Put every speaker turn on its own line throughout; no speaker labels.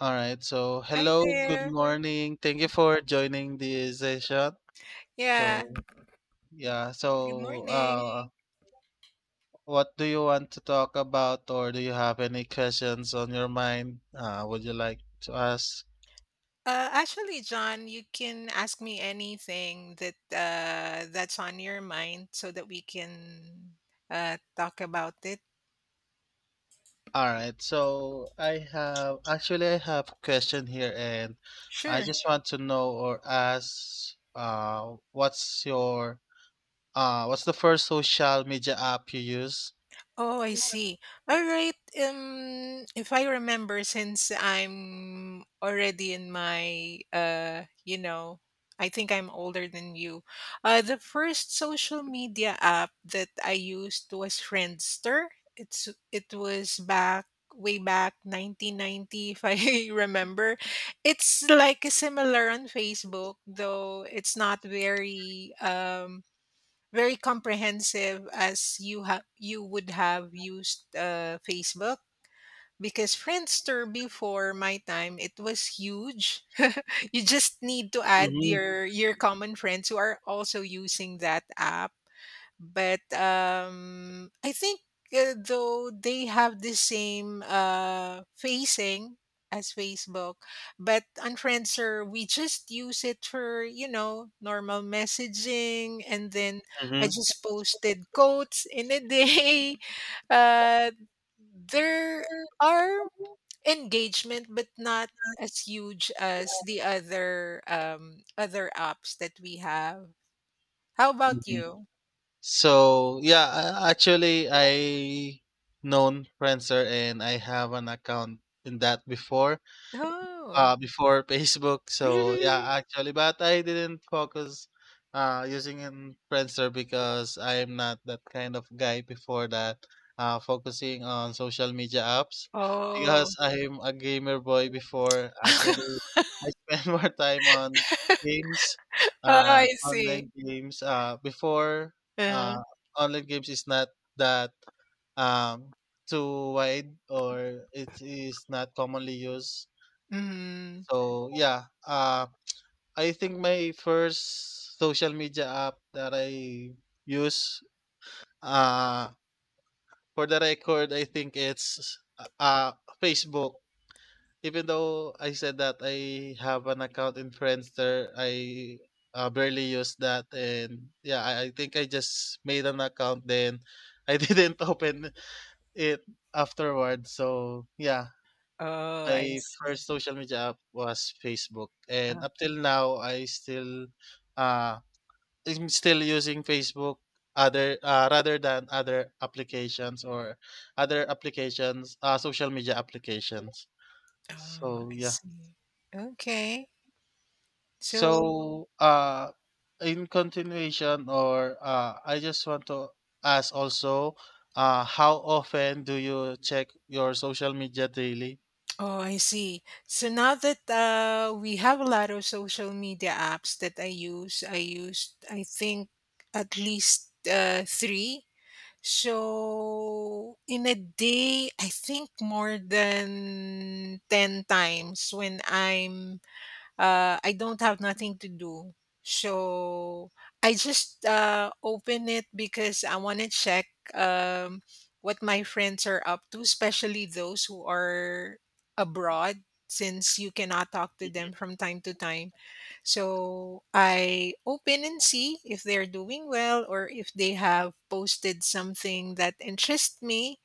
All right. So,
Hi
hello, good
there.
morning. Thank you for joining the session.
Yeah,
So, yeah.
good
So,
morning.
uh, what do you want to talk about, or do you have any questions on your mind? Would you like to ask?
Actually, John, you can ask me anything that's on your mind so that we can talk about it.
All right. I have a question here, and I
Sure.
just want to know or ask, what's your what's the first social media app you use?
Oh, I see. All right. If I remember, since I'm already in my, you know, I think I'm older than you. The first social media app that I used was Friendster. It was back, way back 1990, if I remember. It's like similar on Facebook, though it's not very comprehensive as you would have used Facebook, because Friendster before my time, it was huge. You just need to add
Mm-hmm,
your common friends who are also using that app. But, I think, though they have the same, facing as Facebook. But Unfriendster, we just use it for normal messaging, and then I just posted quotes in a day. Uh, there are engagement, but not as huge as the other apps that we have. How about
mm-hmm,
you?
So yeah, Actually, I known Friendster and I have an account in that before,
Oh.
before Facebook. Actually, but I didn't focus using in Friendster because I'm not that kind of guy before that. Focusing on social media apps
Oh.
because I'm a gamer boy before. Actually, I spend more time on games,
Oh, I see.
online games. Before
Uh-huh.
uh, Online games is not that um too wide, or it is not commonly used.
Mhm.
So, I think my first social media app that I use, uh, for the record, I think it's, Facebook. Even though I said that I have an account in Friendster, I barely use that. And yeah, I think I just made an account then. I didn't open it afterward. So yeah,
Oh, I
My
see.
first social media app was Facebook, and
Uh,
up till now, uh, I'm still using Facebook other rather than other applications, or social media applications.
oh,
So
I
yeah.
see. Okay. So,
So, in continuation, or I just want to ask also, how often do you check your social media daily?
oh, I see. So now that we have a lot of social media apps that I used, I think, at least three. So in a day, I think more than 10 times, when I don't have nothing to do. So I just open it because I want to check um, what my friends are up to, especially those who are abroad, since you cannot talk to them from time to time. So I open and see if they're doing well, or if they have posted something that interests me,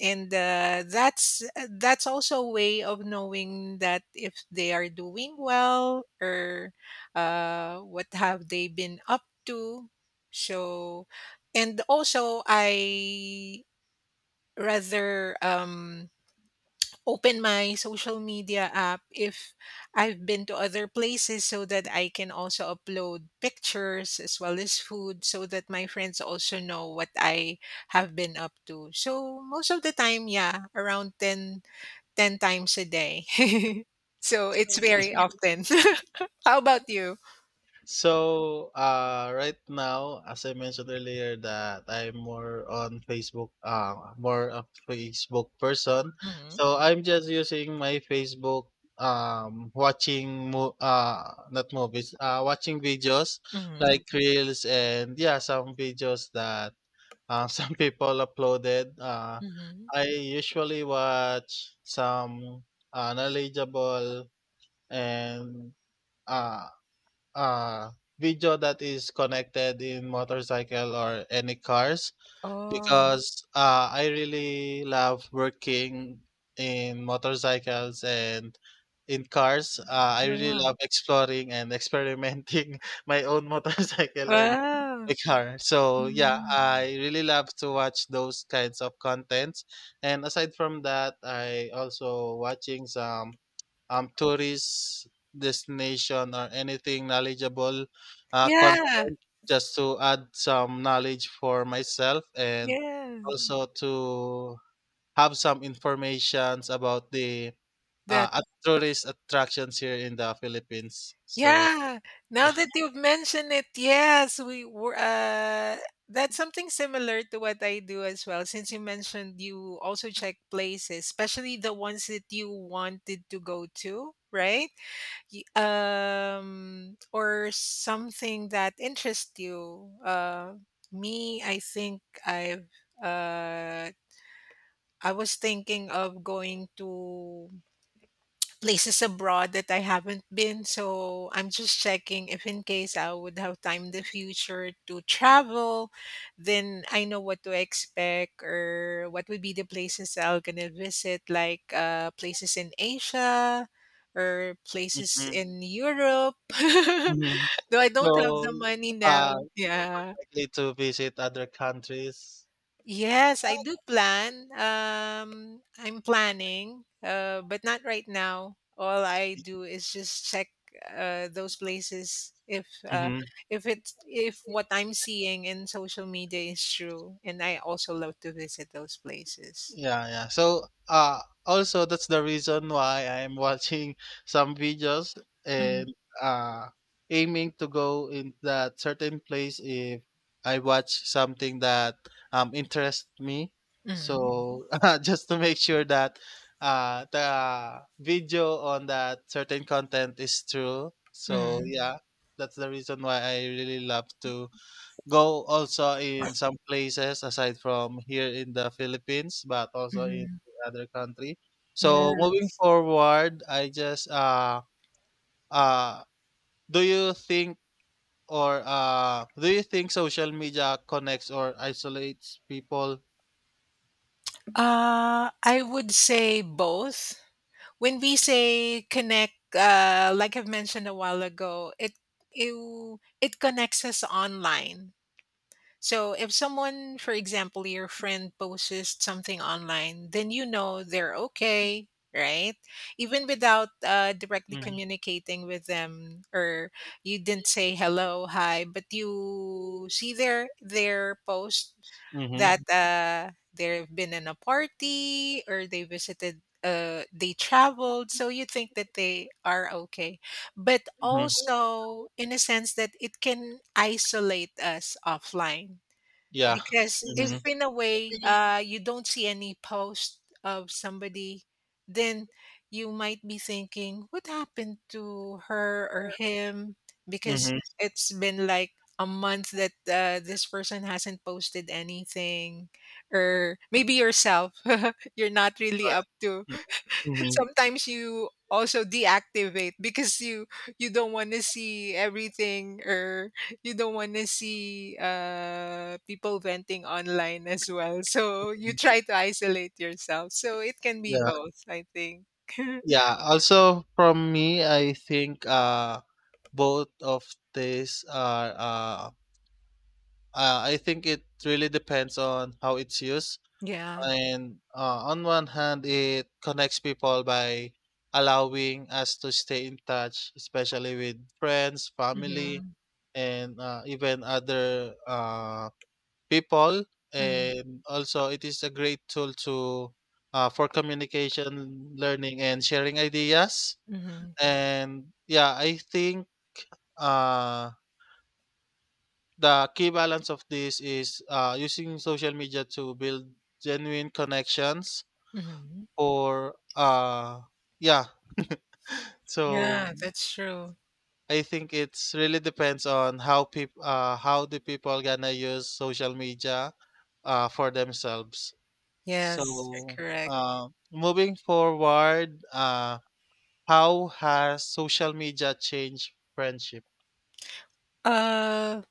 and that's also a way of knowing that if they are doing well, or what have they been up to. So, and also I rather open my social media app if I've been to other places, so that I can also upload pictures as well as food, so that my friends also know what I have been up to. So most of the time, yeah, around ten times a day. So it's very often. How about you?
So, right now, as I mentioned earlier, that I'm more on Facebook, more a Facebook person.
Mm-hmm.
So I'm just using my Facebook, watching, not movies, watching videos
Mm-hmm.
like reels, and yeah, some videos that some people uploaded.
Mm-hmm.
I usually watch some knowledgeable and uh, uh, video that is connected in motorcycle or any cars,
Oh,
because I really love working in motorcycles and in cars. I really
wow.
love exploring and experimenting my own motorcycle and
Wow.
my car. So yeah,
Mhm.
I really love to watch those kinds of contents. And aside from that, I also watching some tourist destination or anything knowledgeable
Yeah.
content, just to add some knowledge for myself, and
Yeah.
also to have some informations about the
That
tourist attractions here in the Philippines. So,
Yeah, now that you've mentioned it, yes, we were. That's something similar to what I do as well. Since you mentioned, you also check places, especially the ones that you wanted to go to, right? Or something that interests you. Me, I think I've. Uh, I was thinking of going to places abroad that I haven't been. So I'm just checking if, in case I would have time in the future to travel, then I know what to expect or what would be the places I will gonna visit, like places in Asia or places
mhm,
in Europe.
mhm.
Though I
So,
don't have the money now.
uh, you're more
Yeah.
likely to visit other countries.
Yes, I do plan. I'm planning, but not right now. All I do is just check those places, if uh,
Mhm.
if it's if what I'm seeing in social media is true, and I also love to visit those places.
Yeah, yeah. So, also that's the reason why I'm watching some videos,
Mhm.
and uh aiming to go in that certain place if I watch something that interests me.
Mhm.
So, just to make sure that the video on that certain content is true. So,
Mhm.
yeah, that's the reason why I really love to go also in some places aside from here in the Philippines, but also in
Mhm.
the other country. So
Yeah.
moving forward, I just uh do you think, or do you think social media connects or isolates people?
I would say both. When we say connect, like I've mentioned a while ago, it, it connects us online. So if someone, for example, your friend posts something online, then you know they're okay, right? Even without directly
Mm-hmm.
communicating with them, or you didn't say hello, hi, but you see their post that
Mm-hmm.
they've been in a party, or they visited, they traveled, so you think that they are okay. But
Hmm.
also, in a sense, that it can isolate us offline,
Yeah.
because if
Mm-hmm.
in a way you don't see any post of somebody, then you might be thinking, what happened to her or him? Because
Mm-hmm.
it's been like a month that this person hasn't posted anything, or maybe yourself, you're not really up to.
Mm-hmm.
Sometimes you also deactivate because you don't want to see everything, or you don't want to see people venting online as well. So you try to isolate yourself. So it can be
Yeah.
both, I think.
Yeah. Also from me, I think both of these are I think it really depends on how it's used.
Yeah.
And on one hand, it connects people by allowing us to stay in touch, especially with friends, family,
Mhm,
and even other people.
mhm,
And also, it is a great tool to for communication, learning, and sharing ideas.
mhm,
And yeah, I think. Uh, the key balance of this is using social media to build genuine connections,
mhm.
or yeah. So
Yeah, that's true.
I think it's really depends on how people, how the people gonna use social media for themselves.
Yes, you're
So,
correct.
moving forward, how has social media changed friendship?
Uh,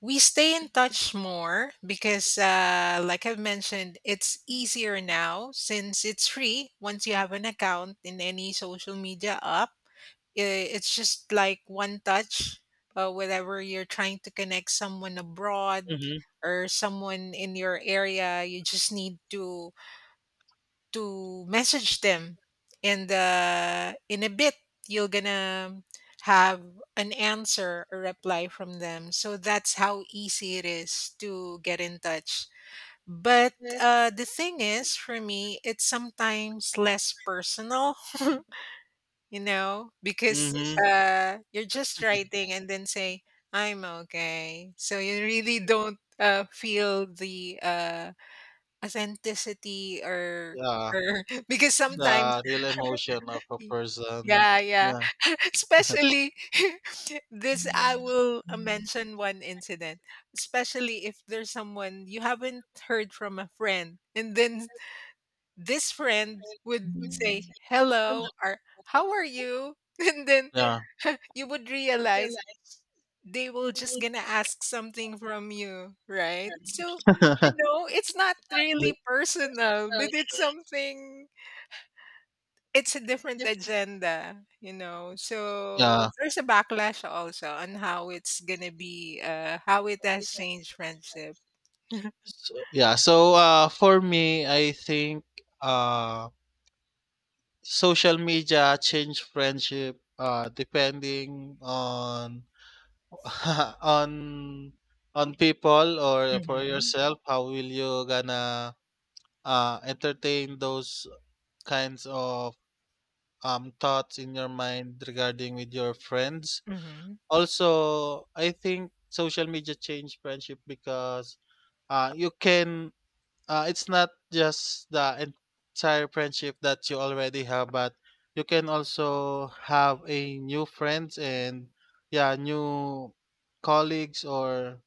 we stay in touch more, because like I've mentioned, it's easier now since it's free. Once you have an account in any social media app, it's just like one touch, whenever you're trying to connect someone abroad
Mm-hmm.
or someone in your area. You just need to message them, and in a bit, you're gonna have an answer or reply from them, so that's how easy it is to get in touch. But the thing is, for me, it's sometimes less personal, because
Mm-hmm.
you're just writing and then say, "I'm okay," so you really don't feel the authenticity, or
Yeah,
or because sometimes
the real emotion of a
Y-
person.
Yeah, yeah.
Yeah.
Especially this, I will mention one incident. Especially if there's someone you haven't heard from, a friend, and then this friend would say hello or how are you, and then
Yeah.
you would realize they will just gonna ask something from you, right? So you know, it's not
The-
really personal, but it's something it's a different agenda, so
yeah.
there's a backlash also on how it's gonna be, how it has changed friendship.
So, yeah. So, for me, I think uh social media change friendship depending on on on people, or for
Mhm,
yourself, how will you gonna entertain those kinds of thoughts in your mind regarding with your friends.
mhm.
Also, I think social media change friendship because you can it's not just the entire friendship that you already have, but you can also have a new friends, and yeah, new colleagues, or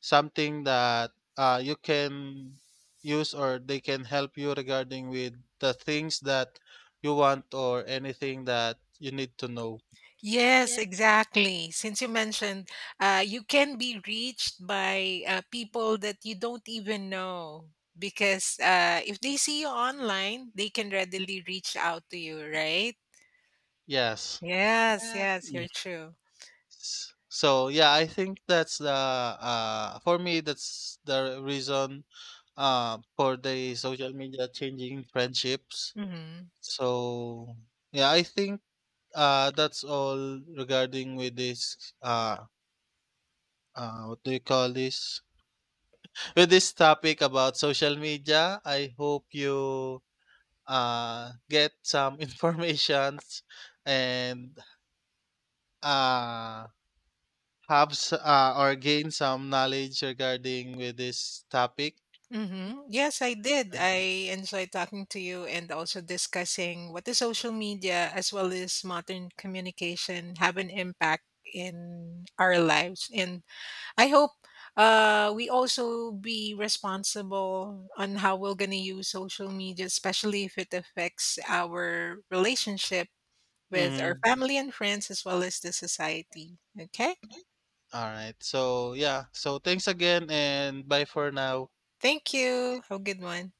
something that you can use, or they can help you regarding with the things that you want or anything that you need to know.
Yes, exactly. Since you mentioned, you can be reached by people that you don't even know, because if they see you online, they can readily reach out to you, right?
Yes.
Yes, yes,
Mm.
you're true.
So yeah, I think that's the, for me, that's the reason for the social media changing friendships.
Mhm.
So yeah, I think that's all regarding with this, what do you call this, with this topic about social media. I hope you get some informations, and uh have or gain some knowledge regarding with this topic.
Mm-hmm. Yes, I did. I enjoyed talking to you and also discussing what the social media as well as modern communication have an impact in our lives. And I hope we also be responsible on how we're going to use social media, especially if it affects our relationship with our
Mhm.
family and friends, as well as the society. Okay.
Alright. So, yeah. So, thanks again, and bye for now.
Thank you. Have a good one.